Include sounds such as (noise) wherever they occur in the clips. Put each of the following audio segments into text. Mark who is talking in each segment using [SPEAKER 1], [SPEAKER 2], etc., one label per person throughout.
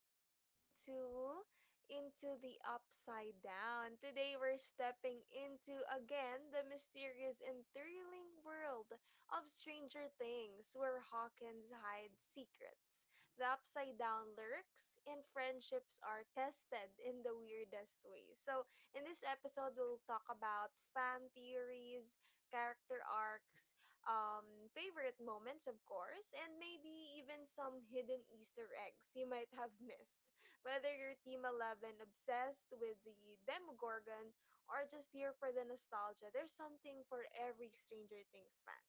[SPEAKER 1] Welcome to Into the Upside Down. Today, we're stepping into, again, the mysterious and thrilling world of Stranger Things, where Hawkins hides secrets, the Upside Down lurks, and friendships are tested in the weirdest ways. So, in this episode, we'll talk about fan theories, character arcs, favorite moments, of course, and maybe even some hidden Easter eggs you might have (laughs) missed. Whether you're Team 11, obsessed with the Demogorgon, or just here for the nostalgia, there's something for every Stranger Things fan.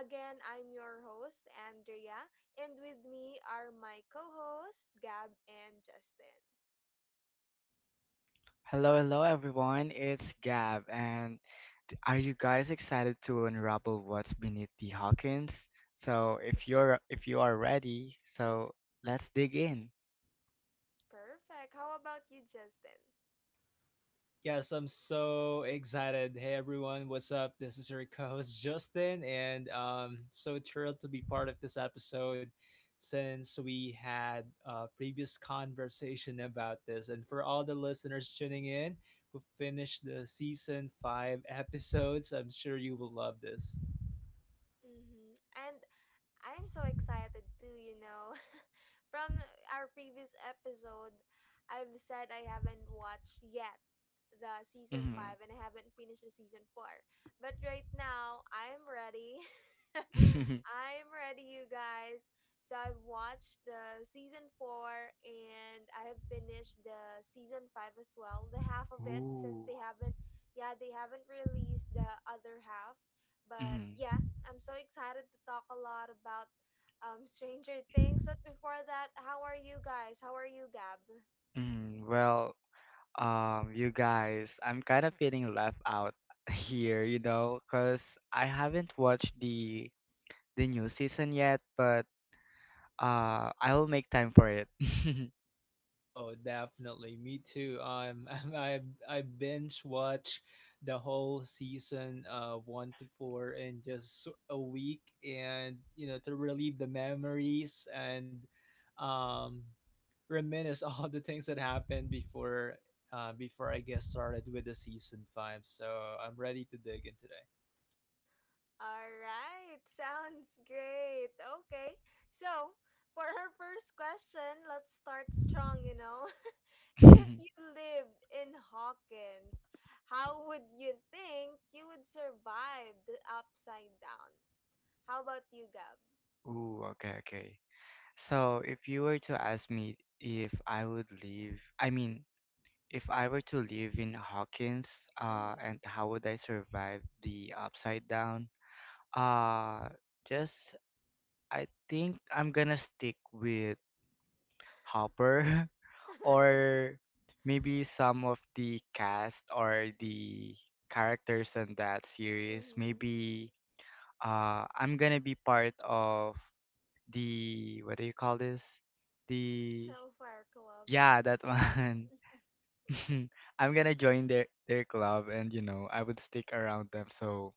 [SPEAKER 1] Again, I'm your host, Andrea, and with me are my co hosts Gab and Justin.
[SPEAKER 2] Hello, hello everyone. It's Gab, and are you guys excited to unravel what's beneath the Hawkins? So, if you are ready, so let's dig in.
[SPEAKER 1] Perfect. How about you, Justin?
[SPEAKER 3] Yes, I'm so excited. Hey everyone, what's up? This is your co-host Justin, and so thrilled to be part of this episode since we had a previous conversation about this. And for all the listeners tuning in who finished the season five episodes, I'm sure you will love this.
[SPEAKER 1] Mm-hmm. And I'm so excited too, you know. (laughs) From our previous episode, I've said I haven't watched yet the season 5 and I haven't finished the season 4. But right now, I'm ready. (laughs)
[SPEAKER 2] Mm-hmm.
[SPEAKER 1] I'm ready, you guys. So I've watched the season 4 and I have finished the season 5 as well, the half
[SPEAKER 2] (laughs)
[SPEAKER 1] of it, since
[SPEAKER 2] Ooh.
[SPEAKER 1] they haven't, yeah, they haven't released the other half. But
[SPEAKER 2] mm
[SPEAKER 1] yeah, I'm so excited to talk a lot about Stranger Things. But before that, how are you guys? How are you, Gab?
[SPEAKER 2] Well, you guys, I'm kind of feeling left out (laughs) here, you know, because I haven't watched the new season yet, but I will make time for it. (laughs)
[SPEAKER 3] Oh, definitely. Me too. (laughs) I I binge watch the whole season one to four in just a week, and to relieve the memories and um reminisce (laughs) all the things that happened before I get started with the season five. So I'm ready to dig in today.
[SPEAKER 1] All right, (laughs) sounds great. Okay, so for our first question, let's start strong, you know. (laughs) If you lived in Hawkins, how would you think you would survive the upside down? How about you, Gab?
[SPEAKER 2] Ooh, okay, okay. So if you were to ask me if I would live, I mean, if I were to live in Hawkins,
[SPEAKER 1] Mm-hmm.
[SPEAKER 2] and
[SPEAKER 1] (laughs)
[SPEAKER 2] how would I survive the upside down? Uh, just I think I'm gonna stick with Hopper (laughs) or maybe some of the cast or the characters in that series.
[SPEAKER 1] Mm-hmm.
[SPEAKER 2] Maybe I'm gonna be part of the what do you call this? The
[SPEAKER 1] Hellfire Club.
[SPEAKER 2] yeah, that one. (laughs) I'm gonna join their club and you know, I would stick around them so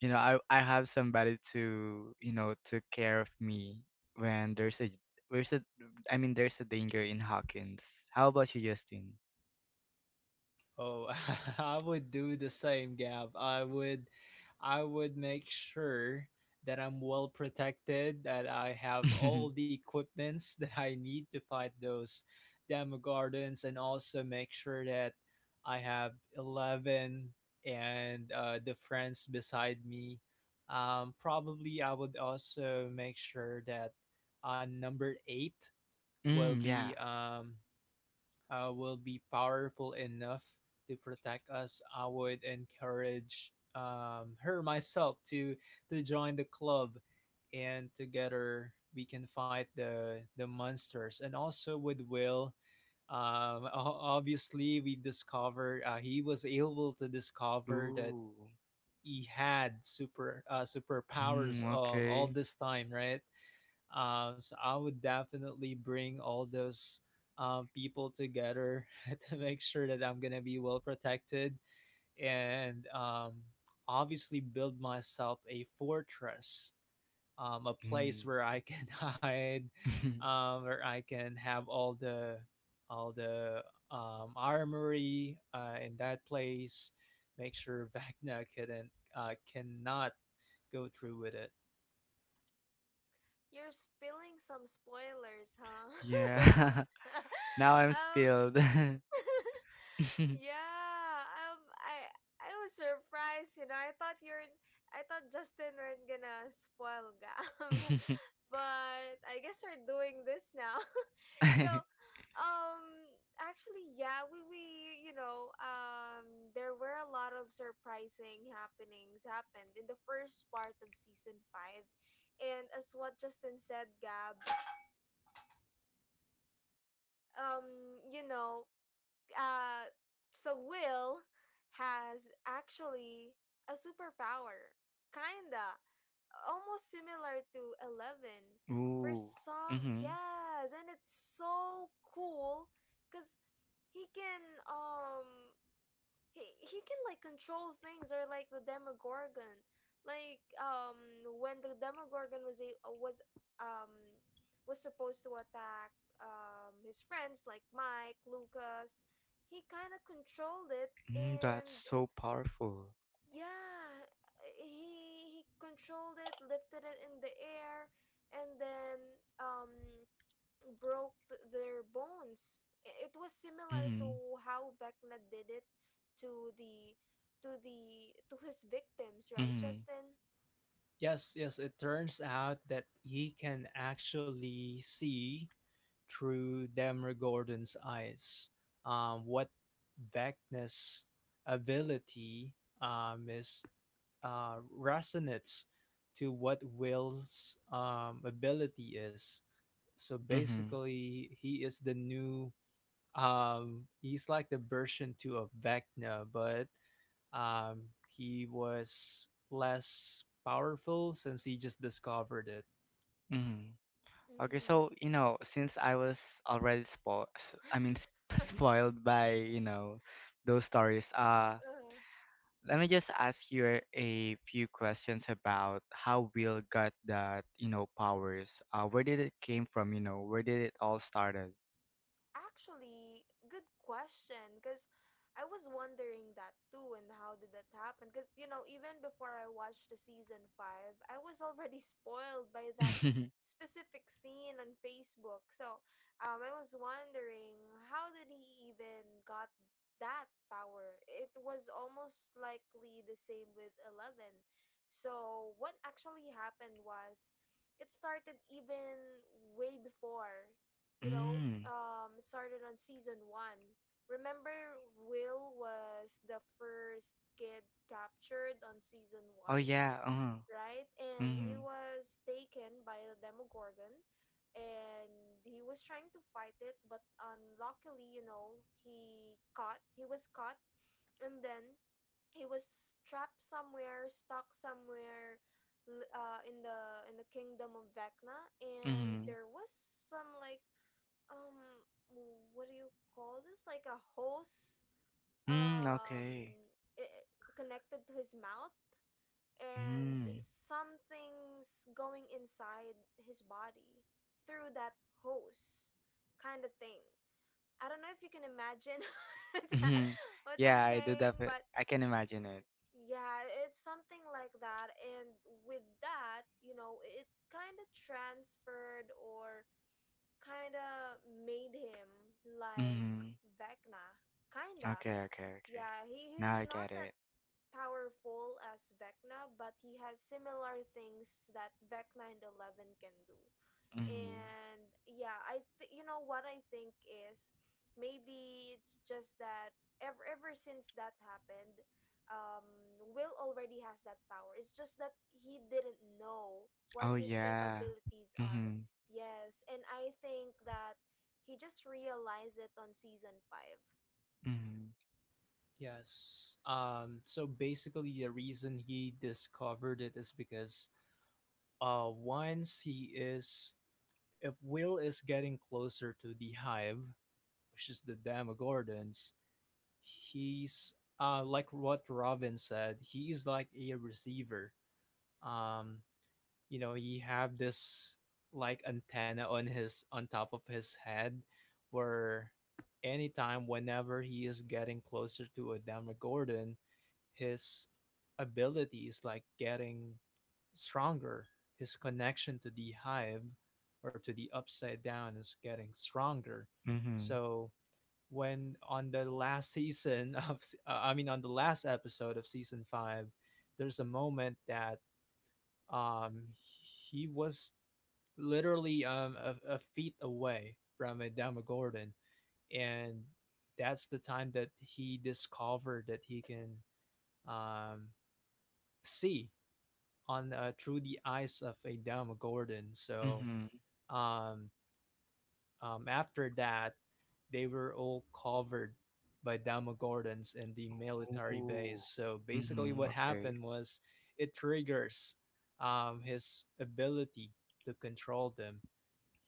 [SPEAKER 2] you know, I have somebody to, you know, to care of me when there's a I mean there's a danger in Hawkins. How about you, Justin?
[SPEAKER 3] Oh, (laughs) I would do the same, Gab. I would make sure that I'm well protected, that I have all the
[SPEAKER 2] (laughs)
[SPEAKER 3] equipments (laughs) that I need to fight those demogorgons, and also make sure that I have 11 and the friends beside me. Probably I would also make sure that number 8 will
[SPEAKER 2] Mm, yeah.
[SPEAKER 3] be um, will be powerful enough to protect us. I would encourage her myself to join the club, and together we can fight the monsters. And also with Will, um, obviously we discover he was able to discover that
[SPEAKER 2] Ooh.
[SPEAKER 3] he had super uh,
[SPEAKER 2] Mm,
[SPEAKER 3] superpowers all
[SPEAKER 2] okay.
[SPEAKER 3] this time, right? So I would definitely bring all those people together (laughs) to make sure that I'm gonna be well protected, and obviously build myself a fortress, a place
[SPEAKER 2] Mm.
[SPEAKER 3] where I can (laughs) hide,
[SPEAKER 2] (laughs)
[SPEAKER 3] where I can have all the armory in that place. Make sure (laughs) Vecna couldn't cannot go through with it.
[SPEAKER 1] You're spilling some spoilers, huh?
[SPEAKER 2] Yeah. (laughs) Now
[SPEAKER 1] (laughs)
[SPEAKER 2] I'm
[SPEAKER 1] um,
[SPEAKER 2] spilled. (laughs) (laughs)
[SPEAKER 1] (laughs) yeah. Um, I was surprised. You know, I thought you're, I thought Justin weren't gonna spoil Gam, (laughs) but I guess we're doing this now. (laughs) So, um, actually, yeah, we you know, there were a lot of surprising happenings happened in the first part of season five, and as what Justin said, Gab, um, you know, uh, so Will has actually a superpower, kinda, almost similar to 11. For
[SPEAKER 2] Ooh.
[SPEAKER 1] some,
[SPEAKER 2] Mm-hmm.
[SPEAKER 1] yes, and it's so cool, cause he can um he can like control things or like the demogorgon, like, um, when the demogorgon was a was, um, was supposed to attack his friends, like Mike, Lucas, he kind of controlled it.
[SPEAKER 2] Mm, that's
[SPEAKER 1] And
[SPEAKER 2] so powerful.
[SPEAKER 1] yeah, he controlled it, lifted it in the air, and then, um, broke their bones. It was similar to
[SPEAKER 2] Mm-hmm.
[SPEAKER 1] how Vecna did it to the to the to his victims, right,
[SPEAKER 2] Mm-hmm.
[SPEAKER 1] Justin?
[SPEAKER 3] Yes, yes, it turns out that he can actually see through Demogorgon's eyes. What Vecna's ability is resonates to what Will's ability is. So
[SPEAKER 2] Mm-hmm.
[SPEAKER 3] basically, he is the new. He's like the version two of Vecna, but um, he was less powerful since he just discovered it.
[SPEAKER 2] Mm-hmm. Okay, so
[SPEAKER 1] Mm-hmm.
[SPEAKER 2] you know, since I was already spoiled, I mean, sp (laughs) spoiled by you know those stories.
[SPEAKER 1] (laughs)
[SPEAKER 2] Let me just ask you a few questions about how Will got that you know powers. Where did it came from? You know, where did it all started?
[SPEAKER 1] Actually, good question. Because I was wondering that too, and how did that happen? Because, you know, even before I watched the season five, I was already (laughs) spoiled by that
[SPEAKER 2] (laughs)
[SPEAKER 1] specific scene on Facebook. So, I was wondering how did he even got that power? It was almost likely the same with 11. So, what actually happened was it started even way before, you know,
[SPEAKER 2] Mm.
[SPEAKER 1] it started on season one. Remember, Will was the first kid captured on season
[SPEAKER 2] Oh
[SPEAKER 1] one,
[SPEAKER 2] yeah.
[SPEAKER 1] right? And he
[SPEAKER 2] Mm.
[SPEAKER 1] was taken by the Demogorgon, and he was trying to fight it, but unluckily, you know, he caught. He was caught, and then he was trapped somewhere, stuck somewhere, in the kingdom of Vecna, and
[SPEAKER 2] Mm.
[SPEAKER 1] there was some, like, um, what do you call this, like a hose,
[SPEAKER 2] Mm.
[SPEAKER 1] um,
[SPEAKER 2] Okay.
[SPEAKER 1] I connected to his mouth, and
[SPEAKER 2] Mm.
[SPEAKER 1] something's going inside his body through that hose kind of thing. I don't know if you can imagine (laughs)
[SPEAKER 2] Mhm.
[SPEAKER 1] what I'm
[SPEAKER 2] Yeah, I did that,
[SPEAKER 1] saying,
[SPEAKER 2] but
[SPEAKER 1] but
[SPEAKER 2] I can imagine it.
[SPEAKER 1] yeah, it's something like that. And with that, you know, it kind of transferred, or kinda made him, like,
[SPEAKER 2] Mhm.
[SPEAKER 1] Vecna. Kinda.
[SPEAKER 2] Okay, okay, okay.
[SPEAKER 1] Yeah, he,
[SPEAKER 2] Now
[SPEAKER 1] he's
[SPEAKER 2] I get
[SPEAKER 1] not that
[SPEAKER 2] it.
[SPEAKER 1] powerful as Vecna, but he has similar things that Vecna and 11 can do.
[SPEAKER 2] Mhm.
[SPEAKER 1] And yeah, you know what I think is maybe it's just that ever since that happened, um, Will already has that power. It's just that he didn't know what
[SPEAKER 2] Oh
[SPEAKER 1] his
[SPEAKER 2] yeah.
[SPEAKER 1] capabilities are.
[SPEAKER 2] Mhm.
[SPEAKER 1] Yes, and I think that he just realized it on season 5.
[SPEAKER 2] Mhm.
[SPEAKER 3] Yes. So basically, the reason he discovered it is because uh, once he is, if Will is getting closer to the hive, which is the Demogorgons, he's like what Robin said, he's like a receiver. Um, he have this like antenna on his, on top of his head, where anytime whenever he is getting closer to a Demogorgon, his ability is like getting stronger. His connection to the hive or to the upside down is getting stronger.
[SPEAKER 2] Mhm.
[SPEAKER 3] So when on the last season (laughs) of I mean on the last episode of season 5, there's a moment that um he was literally a feet away from a Demogorgon, and that's the time that he discovered that he can um see on through the eyes of a Demogorgon. So
[SPEAKER 2] Mhm.
[SPEAKER 3] um after that they were all covered by Demogorgons in the military base.
[SPEAKER 2] Ooh.
[SPEAKER 3] So basically,
[SPEAKER 2] Mhm.
[SPEAKER 3] what
[SPEAKER 2] Okay.
[SPEAKER 3] happened was it triggers his ability to control them.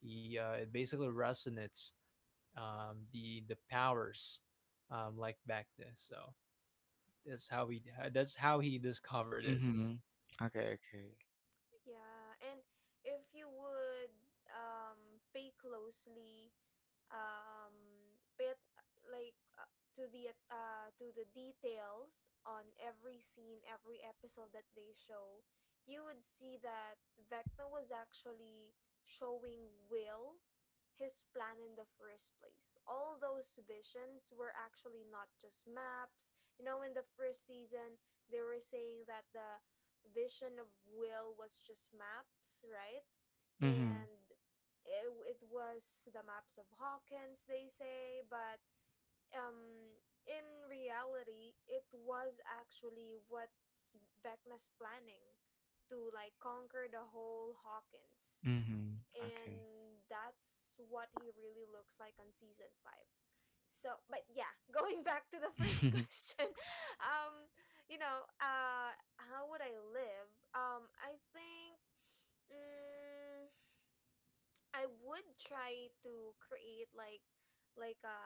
[SPEAKER 3] He it basically resonates the powers like back then. So that's how he that's how he discovered it.
[SPEAKER 2] Mhm. Okay, okay.
[SPEAKER 1] Yeah, and if you would, um, pay closely, um, pay at, like, to the details on every scene, every episode that they show, you would see that Vecna was actually showing Will his plan in the first place. All those visions were actually not just maps. You know, in the first season, they were saying that the vision of Will was just maps, right?
[SPEAKER 2] Mhm.
[SPEAKER 1] And it was the maps of Hawkins, they say, but, um, in reality, it was actually what Vecna's planning to, like, conquer the whole Hawkins.
[SPEAKER 2] Mhm. Okay.
[SPEAKER 1] And that's what he really looks like on season five. So, but yeah, (laughs) going back to the first (laughs)
[SPEAKER 2] (laughs)
[SPEAKER 1] question, um, you know, how would I live? I think, mm, I would try to create like a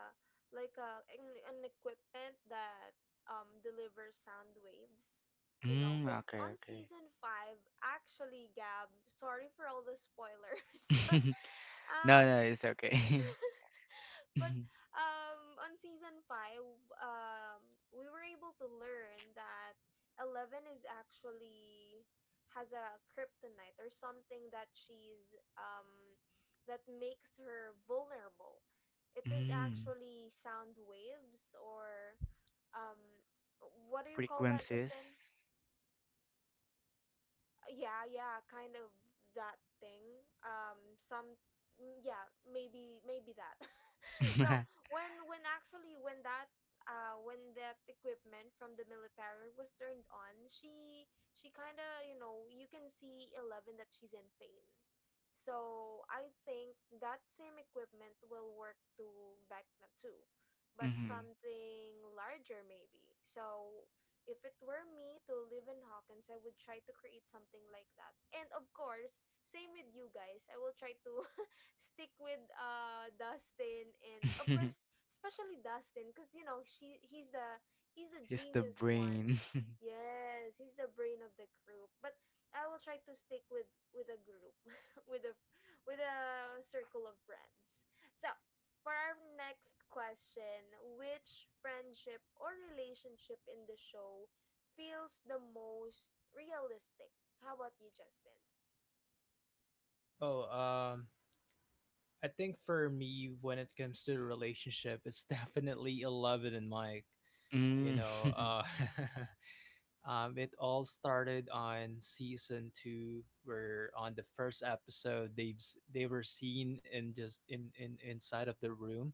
[SPEAKER 1] like a an equipment that, um, delivers sound waves, you know,
[SPEAKER 2] Mm,
[SPEAKER 1] because
[SPEAKER 2] okay,
[SPEAKER 1] on
[SPEAKER 2] okay.
[SPEAKER 1] season five, actually, Gab, sorry for all the spoilers (laughs) but,
[SPEAKER 2] (laughs) No,
[SPEAKER 1] um
[SPEAKER 2] no, it's okay. (laughs)
[SPEAKER 1] (laughs) but,
[SPEAKER 2] Mhm.
[SPEAKER 1] um, on season 5, um, we were able to learn that 11 is actually has a kryptonite or something that she's that makes her vulnerable. It is
[SPEAKER 2] Mm.
[SPEAKER 1] actually sound waves or, um, what do you call that,
[SPEAKER 2] Frequencies.
[SPEAKER 1] Justin? Yeah, kind of that thing, um, some, mm, yeah, maybe maybe that. (laughs) So
[SPEAKER 2] (laughs)
[SPEAKER 1] when actually when that equipment from the military was turned on, she kind of, you know, you can see 11 that she's in pain. So I think that same equipment will work to Vecna too, but
[SPEAKER 2] Mhm.
[SPEAKER 1] something larger maybe. So if it were me to live in Hawkins, I would try to create something like that. And of course, same with you guys. I will try to (laughs) stick with Dustin, and of course,
[SPEAKER 2] (laughs)
[SPEAKER 1] especially Dustin, cuz you know, she he's the
[SPEAKER 2] It's the
[SPEAKER 1] genius one.
[SPEAKER 2] brain. (laughs)
[SPEAKER 1] Yes, he's the brain of the group. But I will try to stick with a group, (laughs) with a with a circle of friends. So, for our next question, which friendship or relationship in the show feels the most realistic? How about you, Justin?
[SPEAKER 3] Oh, um, I think for me, when it comes to a relationship, it's (laughs) definitely Eleven and Mike. You
[SPEAKER 2] Mm.
[SPEAKER 3] know,
[SPEAKER 2] (laughs)
[SPEAKER 3] (laughs) it all started on season two, where on the first episode, they were seen in just in inside of the room,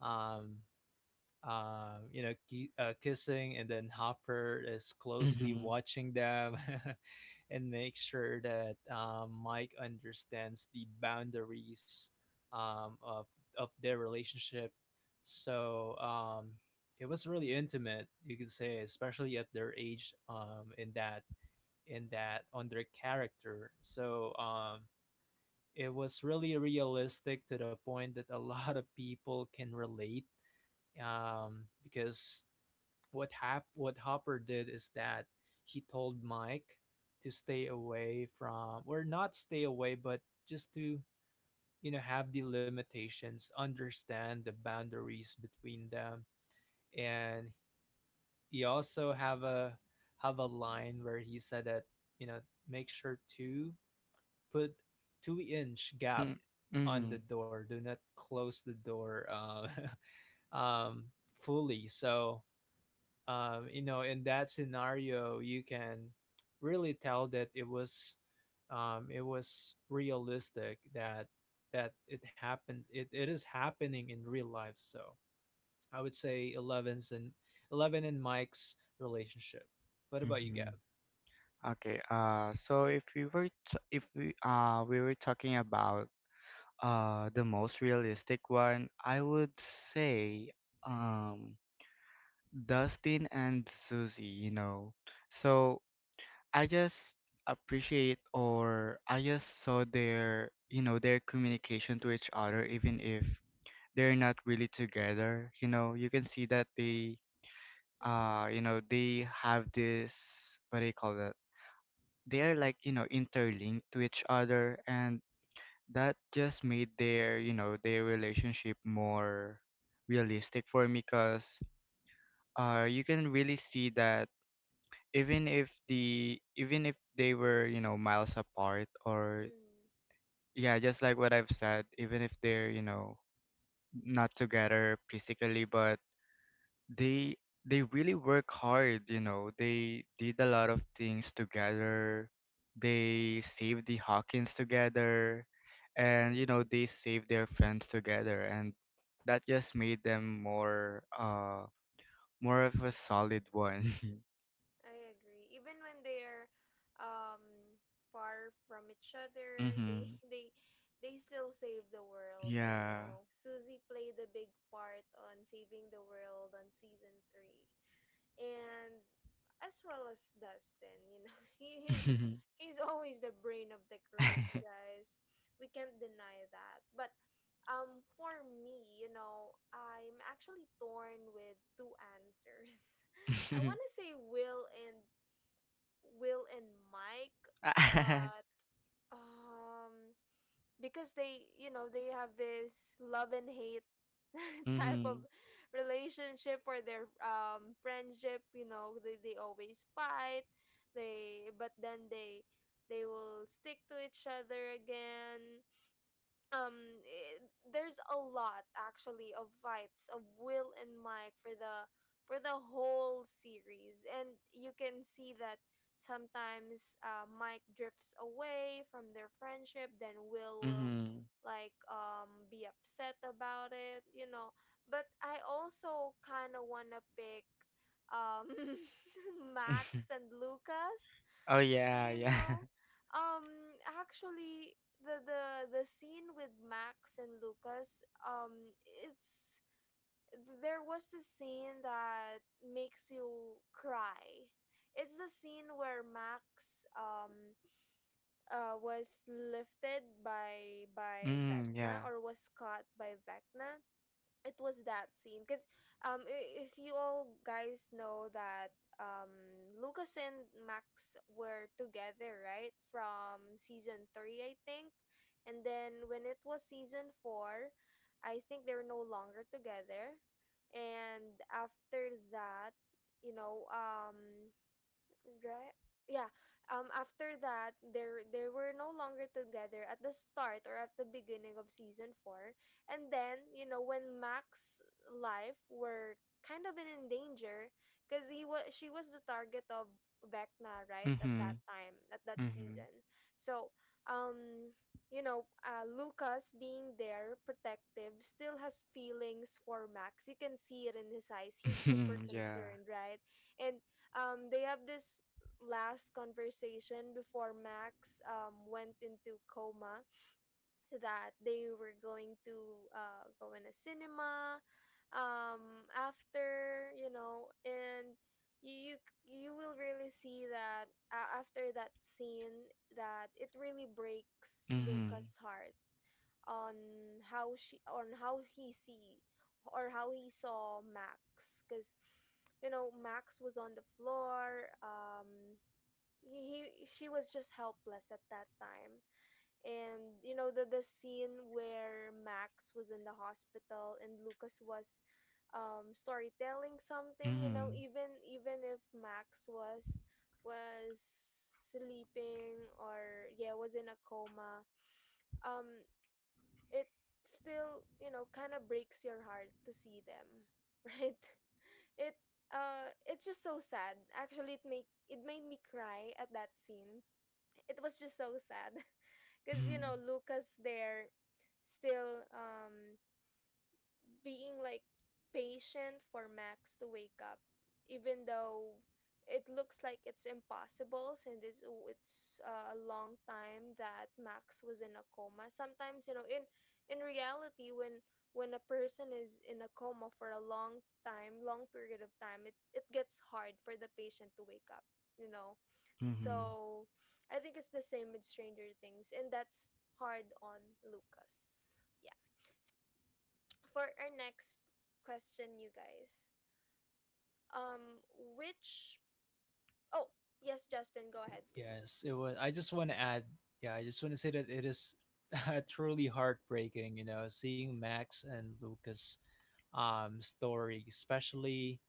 [SPEAKER 3] Um, kissing, and then Hopper is closely
[SPEAKER 2] Mhm.
[SPEAKER 3] watching them (laughs) and make sure that Mike understands the boundaries um, of of their relationship. So it was really intimate, you could say, especially at their age, in that on their character. So it was really realistic, to the point that a lot of people can relate, because what Hopper did is that he told Mike to stay away from, or not stay away, but just to have the limitations, understand the boundaries between them, and he also have a line where he said that, you know make sure to put 2-inch gap
[SPEAKER 2] Mm.
[SPEAKER 3] on the
[SPEAKER 2] Mhm.
[SPEAKER 3] door, do not close the door (laughs) um fully. So in that scenario you can really tell that it was realistic, that it happens, it is happening in real life. So I would say 11's and 11 and Mike's relationship. What about you,
[SPEAKER 2] Mhm.
[SPEAKER 3] Gab?
[SPEAKER 2] Okay. If we we were talking about the most realistic one, I would say um Dustin and Susie, you know. So I just appreciate or I just saw their, you know, their communication to each other even if they're not really together, you know. You can see that they you
[SPEAKER 1] Mm-hmm.
[SPEAKER 2] know they have this what do you call that, they're like you know interlinked to each other, and that just made their you know their relationship more realistic for me because you can really see that even if they were you know miles apart or
[SPEAKER 1] Mm-hmm.
[SPEAKER 2] yeah just like what I've said even if they're you know not together physically but they they really work hard, you know. They did a lot of things together. They saved the Hawkins together and you know,
[SPEAKER 1] Mm-hmm.
[SPEAKER 2] they saved their friends together and that just made them more of a solid one.
[SPEAKER 1] I agree. Even when they're, um, far from each
[SPEAKER 2] (laughs)
[SPEAKER 1] other, they
[SPEAKER 2] Mhm.
[SPEAKER 1] (laughs) they still save the world, you
[SPEAKER 2] Yeah.
[SPEAKER 1] know. Susie played a big part on saving the world on season three. And as well as Dustin, you know, (laughs) he, he's
[SPEAKER 2] (laughs)
[SPEAKER 1] he's always the brain of the group,
[SPEAKER 2] Mhm.
[SPEAKER 1] guys. We can't deny that. But, um, for me, you know, I'm actually torn with two answers. (laughs) I want to say Will and Mike,
[SPEAKER 2] (laughs)
[SPEAKER 1] but, um, because they, you know, they have this love and hate (laughs) type of
[SPEAKER 2] Mhm.
[SPEAKER 1] relationship for their friendship. You know, they always fight, they, but then they will stick to each other again. Um, eh, there's a lot actually of fights of Will and Mike for the whole series, and you can see that sometimes, Mike drifts away from their friendship, then will
[SPEAKER 2] Mhm.
[SPEAKER 1] like, um, be upset about it, you know. But I also kind of want to pick, um, (laughs) Max
[SPEAKER 2] (laughs)
[SPEAKER 1] and Lucas.
[SPEAKER 2] Oh yeah,
[SPEAKER 1] You
[SPEAKER 2] yeah.
[SPEAKER 1] know,
[SPEAKER 2] (laughs)
[SPEAKER 1] um, actually, the scene with Max and Lucas, it's there was this scene that makes you cry. It's the scene where Max, um, uh, was lifted by
[SPEAKER 2] Mm,
[SPEAKER 1] Vecna,
[SPEAKER 2] yeah.
[SPEAKER 1] or was caught by Vecna. It was that scene because, um, if you all guys know that, um, Lucas and Max were together right from season 3, I think. And then when it was season 4, I think they're no longer together, and after that, you know, um, right? Yeah. After that, there they were no longer together at the start or at the beginning of season four, and then, you know, when Mac's life were kind of in danger, because he was she was the target of Vecna, right? At that
[SPEAKER 2] Mhm.
[SPEAKER 1] time, at that
[SPEAKER 2] Mhm.
[SPEAKER 1] season, so, um. You know, Lucas being there, protective, still has feelings for Max. You can see it in his eyes. He's super
[SPEAKER 2] (laughs) Yeah.
[SPEAKER 1] concerned, right? And they have this last conversation before Max went into coma that they were going to go in a cinema, after you know and you, you you will really see that, after that scene, that it really breaks
[SPEAKER 2] Mhm.
[SPEAKER 1] Luca's heart on how she on how he see, or how he saw Max. Because you know Max was on the floor, he she was just helpless at that time. And you know the scene where Max was in the hospital and Lucas was, storytelling something, you know,
[SPEAKER 2] Mhm.
[SPEAKER 1] even if Max was was sleeping, or yeah, was in a coma, um it still, you know, kind of breaks your heart to see them (laughs) right? it it's just so sad. Actually, it made me cry at that scene. It was just so sad. (laughs) Because you
[SPEAKER 2] Mhm.
[SPEAKER 1] know Lucas there still, being like patient for Max to wake up, even though it looks like it's impossible. Since it's a long time that Max was in a coma. Sometimes you know, in reality, when a person is in a coma for a long time, long period of time, it gets hard for the patient to wake up, you know.
[SPEAKER 2] Mhm.
[SPEAKER 1] So I think it's the same with Stranger Things, and that's hard on Lucas. Yeah. So for our next question, you guys, um, which oh yes, Justin, go ahead, please.
[SPEAKER 3] Yes, it was, I just want to add, yeah, I just want to say that it is (laughs) truly heartbreaking, seeing Max and Lucas story, especially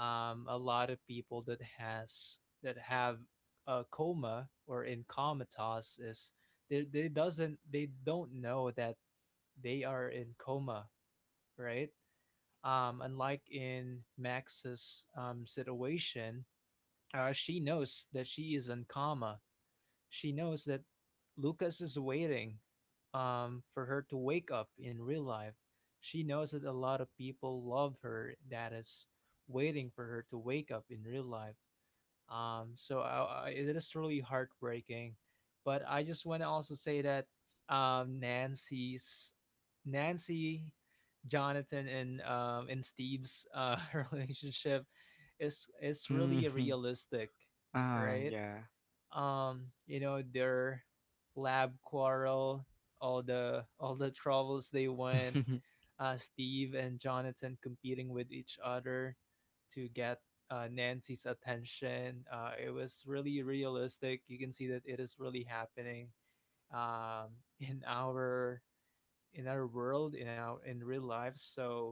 [SPEAKER 3] a lot of people that have a coma or in comatose, is they don't know that they are in coma, right? Unlike in Max's situation, she knows that she is in coma. She knows that Lucas is waiting for her to wake up in real life. She knows that a lot of people love her, that is waiting for her to wake up in real life. So it is really heartbreaking. But I just want to also say that um, Nancy's Nancy, Jonathan, and Steve's (laughs) relationship is really
[SPEAKER 2] Mhm.
[SPEAKER 3] realistic,
[SPEAKER 2] Ah,
[SPEAKER 3] right?
[SPEAKER 2] yeah.
[SPEAKER 3] Their lab quarrel, all the troubles they
[SPEAKER 2] (laughs)
[SPEAKER 3] went,
[SPEAKER 2] Mhm.
[SPEAKER 3] Steve and Jonathan competing with each other to get Nancy's attention. It was really realistic. You can see that it is really happening, um in our in our world, in real life. So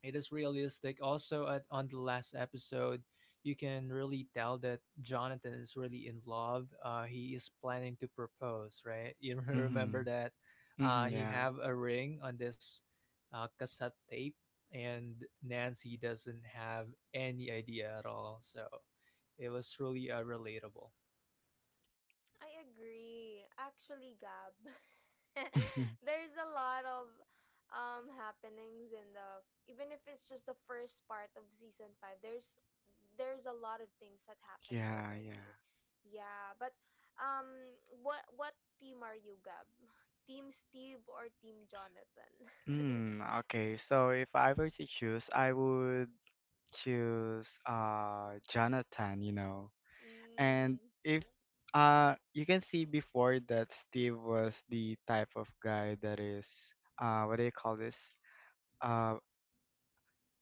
[SPEAKER 3] it is realistic. Also, on the last episode, you can really tell that Jonathan is really in love. He is planning to propose, right? You (laughs) remember
[SPEAKER 2] Mhm.
[SPEAKER 3] that
[SPEAKER 2] Mhm.
[SPEAKER 3] he
[SPEAKER 2] Yeah.
[SPEAKER 3] have a ring on this cassette tape, and Nancy doesn't have any idea at all. So it was really relatable.
[SPEAKER 1] I agree. Actually, Gab, (laughs)
[SPEAKER 2] (laughs)
[SPEAKER 1] there's a lot of happenings in the, even if it's just the first part of season 5, there's a lot of things that happened
[SPEAKER 2] Yeah, yeah.
[SPEAKER 1] already. Yeah, but what team are you, Gab? (laughs) Team Steve or team Jonathan? (laughs)
[SPEAKER 2] Mm, okay, so if I were to choose, I would choose Jonathan, you know. And
[SPEAKER 1] Mm,
[SPEAKER 2] if you can see before that Steve was the type of guy that is what do you call this? Uh,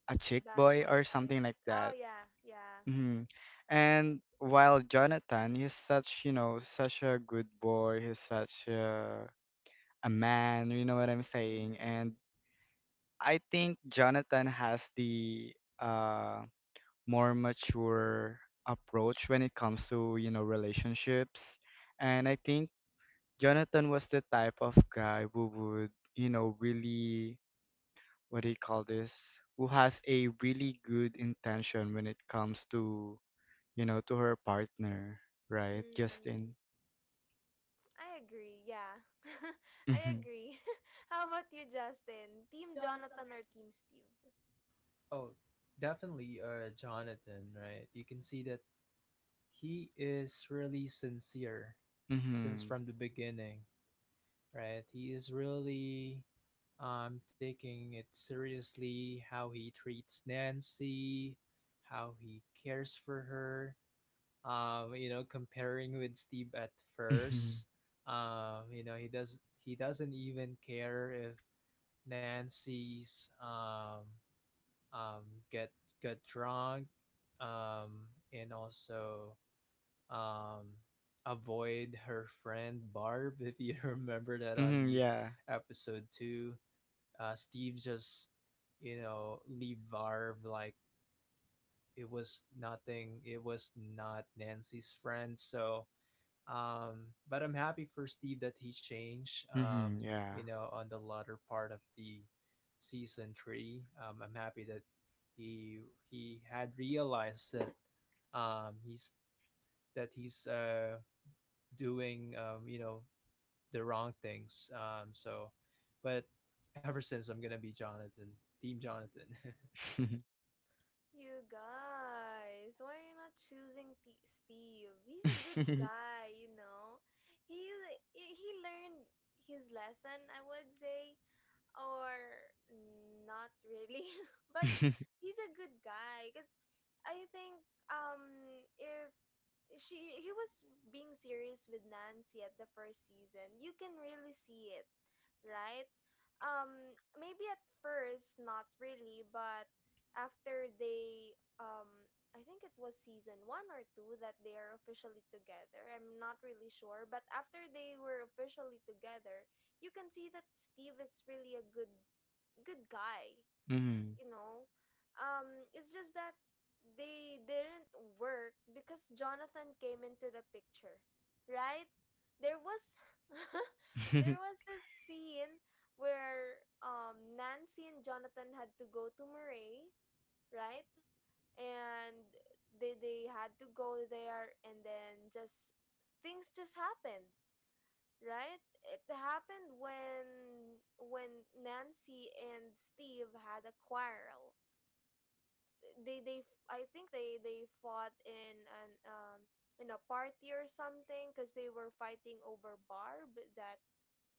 [SPEAKER 2] a chick
[SPEAKER 1] bad
[SPEAKER 2] boy
[SPEAKER 1] boy
[SPEAKER 2] or
[SPEAKER 1] type.
[SPEAKER 2] something like
[SPEAKER 1] Oh
[SPEAKER 2] that.
[SPEAKER 1] yeah, yeah.
[SPEAKER 2] Hmm. And while Jonathan, he's such, you know, such a good boy, he's such a man, you know what I'm saying? And
[SPEAKER 1] Mhm.
[SPEAKER 2] I think Jonathan has the uh, more mature approach when it comes to, you know, relationships. And I think Jonathan was the type of guy who would, you know, really, what do you call this? Who has a really good intention when it comes to you know, to her partner, right,
[SPEAKER 1] Mm.
[SPEAKER 2] Justin?
[SPEAKER 1] I agree. Yeah. (laughs) I
[SPEAKER 2] Mm-hmm.
[SPEAKER 1] agree. (laughs) How about you, Justin? Team Jonathan or Team Steve?
[SPEAKER 3] Oh, definitely, Jonathan, right? You can see that he is really sincere since
[SPEAKER 2] Mm-hmm.
[SPEAKER 3] from the beginning, right? He is really taking it seriously, how he treats Nancy, how he cares for her. Comparing with Steve at
[SPEAKER 2] Mm-hmm.
[SPEAKER 3] first, um, you know, he does he doesn't even care if Nancy's um, get get drunk, um, and also um, avoid her friend Barb. (laughs) If you remember that, on
[SPEAKER 2] Mm-hmm.
[SPEAKER 3] the
[SPEAKER 2] Yeah.
[SPEAKER 3] episode two, Steve just leave Barb like it was nothing. It was not Nancy's friend. But I'm happy for Steve that he changed.
[SPEAKER 2] Mm-hmm. Yeah.
[SPEAKER 3] On the latter part of the season three, I'm happy that he he had realized that he's that he's doing, the wrong things. But ever since, I'm gonna be Jonathan. Team Jonathan. (laughs)
[SPEAKER 2] (laughs)
[SPEAKER 1] You guys, why are you not choosing T- Steve? He's a good guy, you know. He he learned his lesson, I would say, or not really, (laughs) but he's a good guy. Because I think, if she he was being serious with Nancy at the first season. You can really see it, right? Um, maybe at first not really, but after they I think it was season 1 or 2 that they are officially together. I'm not really sure, but after they were officially together, you can see that Steve is really a good guy,
[SPEAKER 2] Mm-hmm.
[SPEAKER 1] you know. um it's just that they didn't work because Jonathan came into the picture, right? There was (laughs) there
[SPEAKER 2] (laughs)
[SPEAKER 1] was this scene where, Nancy and Jonathan had to go to Murray, right? And they had to go there, and then just things just happened, right? It happened when Nancy and Steve had a quarrel. I think they fought in an, in a party or something, because they were fighting over Barb. That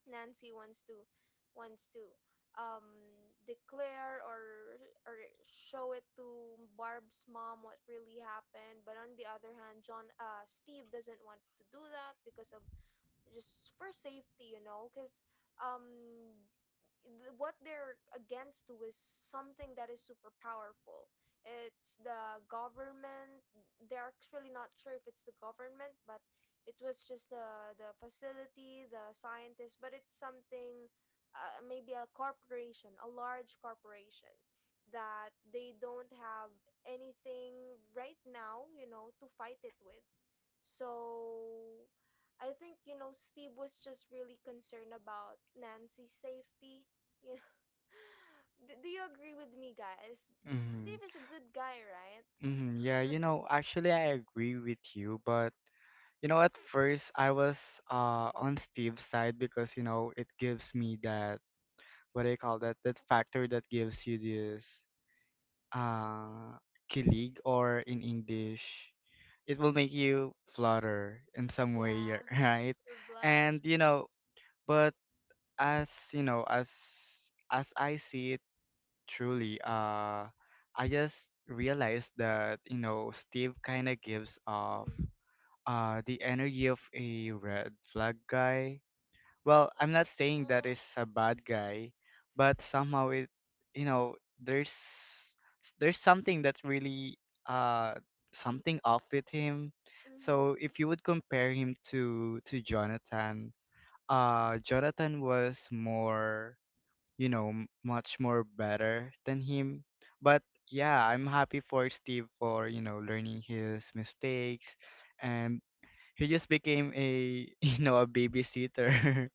[SPEAKER 1] Nancy wants to, wants to um declare or, show it to Barb's mom what really happened. But on the other hand, John Steve doesn't want to do that because of, just for safety, you know. Because um what they're against to is something that is super powerful. It's the government. They're actually not sure if it's the government, but it was just the facility, the scientists. But it's something, maybe a corporation, a large corporation, that they don't have anything right now, you know, to fight it with. So I think, you know, Steve was just really concerned about Nancy's safety. You know, (laughs) do you agree with me, guys?
[SPEAKER 2] Mm-hmm.
[SPEAKER 1] Steve is a good guy, right?
[SPEAKER 2] Mm-hmm. Yeah, you know, actually I agree with you, but you know, at first I was on Steve's side because, you know, it gives me that what do you call that? That factor that gives you this uh, kilig, or in English, it will make you flutter in
[SPEAKER 1] Mm,
[SPEAKER 2] some way, yeah,
[SPEAKER 1] yeah,
[SPEAKER 2] (laughs) right?
[SPEAKER 1] or
[SPEAKER 2] And
[SPEAKER 1] blush.
[SPEAKER 2] you know, but as you know, as I see it truly, I just realized that you know Steve kind of gives off
[SPEAKER 1] Mm-hmm.
[SPEAKER 2] the energy of a red flag guy. Well, I'm not saying that is a bad guy, but somehow it you know there's there's something that's really uh, something off with him. So
[SPEAKER 1] Mm-hmm.
[SPEAKER 2] if you would compare him to Jonathan, uh, Jonathan was more you know much more better than him, but yeah, I'm happy for Steve for you know learning his mistakes, and he just became a (laughs) you know a babysitter.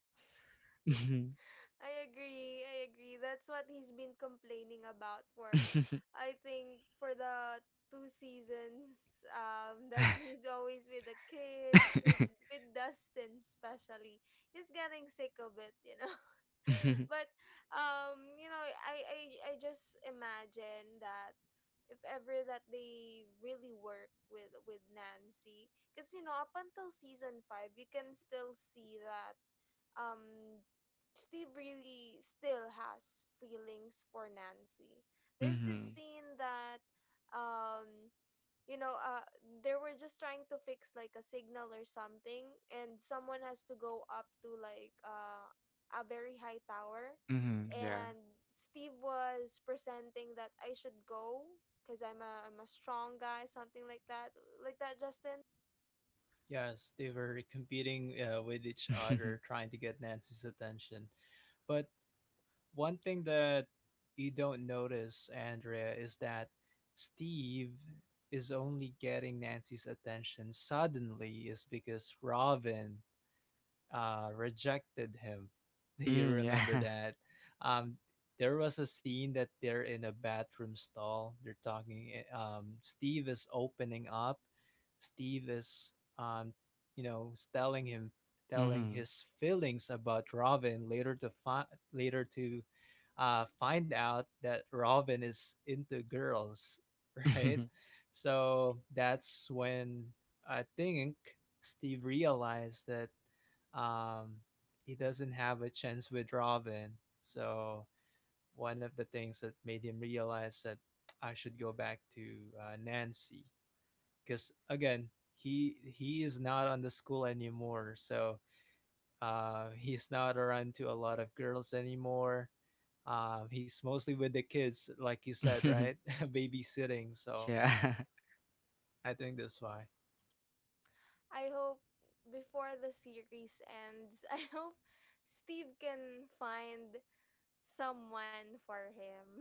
[SPEAKER 2] (laughs)
[SPEAKER 1] I agree. I agree. That's what he's been complaining about for,
[SPEAKER 2] (laughs)
[SPEAKER 1] I think, for the two seasons. (laughs) That he's always with the kids, with Dustin especially. He's getting sick of it, you know. But you know I just imagine that, if ever that they really work with Nancy. Because you know, up until season five, you can still see that, um Steve really still has feelings for Nancy.
[SPEAKER 2] Mhm.
[SPEAKER 1] There's this
[SPEAKER 2] Mhm.
[SPEAKER 1] scene that, um you know, they were just trying to fix like a signal or something, and someone has to go up to like, a very high tower.
[SPEAKER 2] Mhm. Yeah.
[SPEAKER 1] And Steve was presenting that I should go because I'm a strong guy, something like that, like that, Justin.
[SPEAKER 3] Yes, they were competing with each other,
[SPEAKER 2] (laughs)
[SPEAKER 3] trying to get Nancy's attention. But one thing that you don't notice, Andrea, is that Steve is only getting Nancy's attention suddenly is because Robin rejected him. (laughs) Do you
[SPEAKER 2] Mm,
[SPEAKER 3] remember
[SPEAKER 2] yeah. (laughs)
[SPEAKER 3] that? Um, there was a scene that they're in a bathroom stall. They're talking. Steve is opening up. Steve is, um, telling him, telling
[SPEAKER 2] Mhm.
[SPEAKER 3] his feelings about Robin. Later to find out that Robin is into girls, (laughs) right?
[SPEAKER 2] (laughs)
[SPEAKER 3] So that's when I think Steve realized that um, he doesn't have a chance with Robin. So one of the things that made him realize that I should go back to Nancy, because again he is not on the school anymore. So he's not around to a lot of girls anymore. He's mostly with the kids, like you said, right? (laughs) Babysitting. So
[SPEAKER 2] Yeah. (laughs)
[SPEAKER 3] I think that's why.
[SPEAKER 1] I hope before the series ends (laughs) I hope Steve can find someone for him.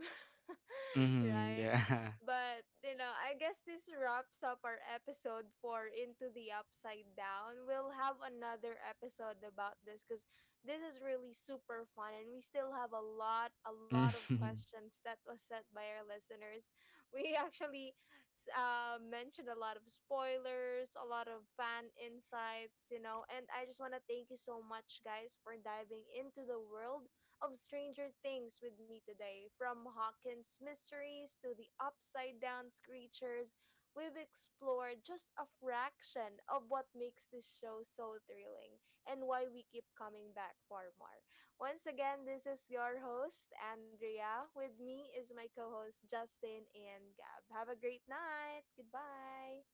[SPEAKER 1] (laughs)
[SPEAKER 2] Mhm.
[SPEAKER 1] Right?
[SPEAKER 2] Yeah.
[SPEAKER 1] But you know, I guess this wraps up our episode for Into the Upside Down. We'll have another episode about this because this is really super fun, and we still have a lot of
[SPEAKER 2] (laughs) Mhm.
[SPEAKER 1] questions that was sent by our listeners. (laughs) We actually mentioned a lot of spoilers, a lot of fan insights, you know. And I just want to thank you so much, guys, for diving into the world of Stranger Things with me today. From Hawkins' mysteries to the upside down creatures, we've explored just a fraction of what makes this show so thrilling, and why we keep coming back for more. Once again, this is your host, Andrea. With me is my co host, Justin and Gab. Have a great night. Goodbye.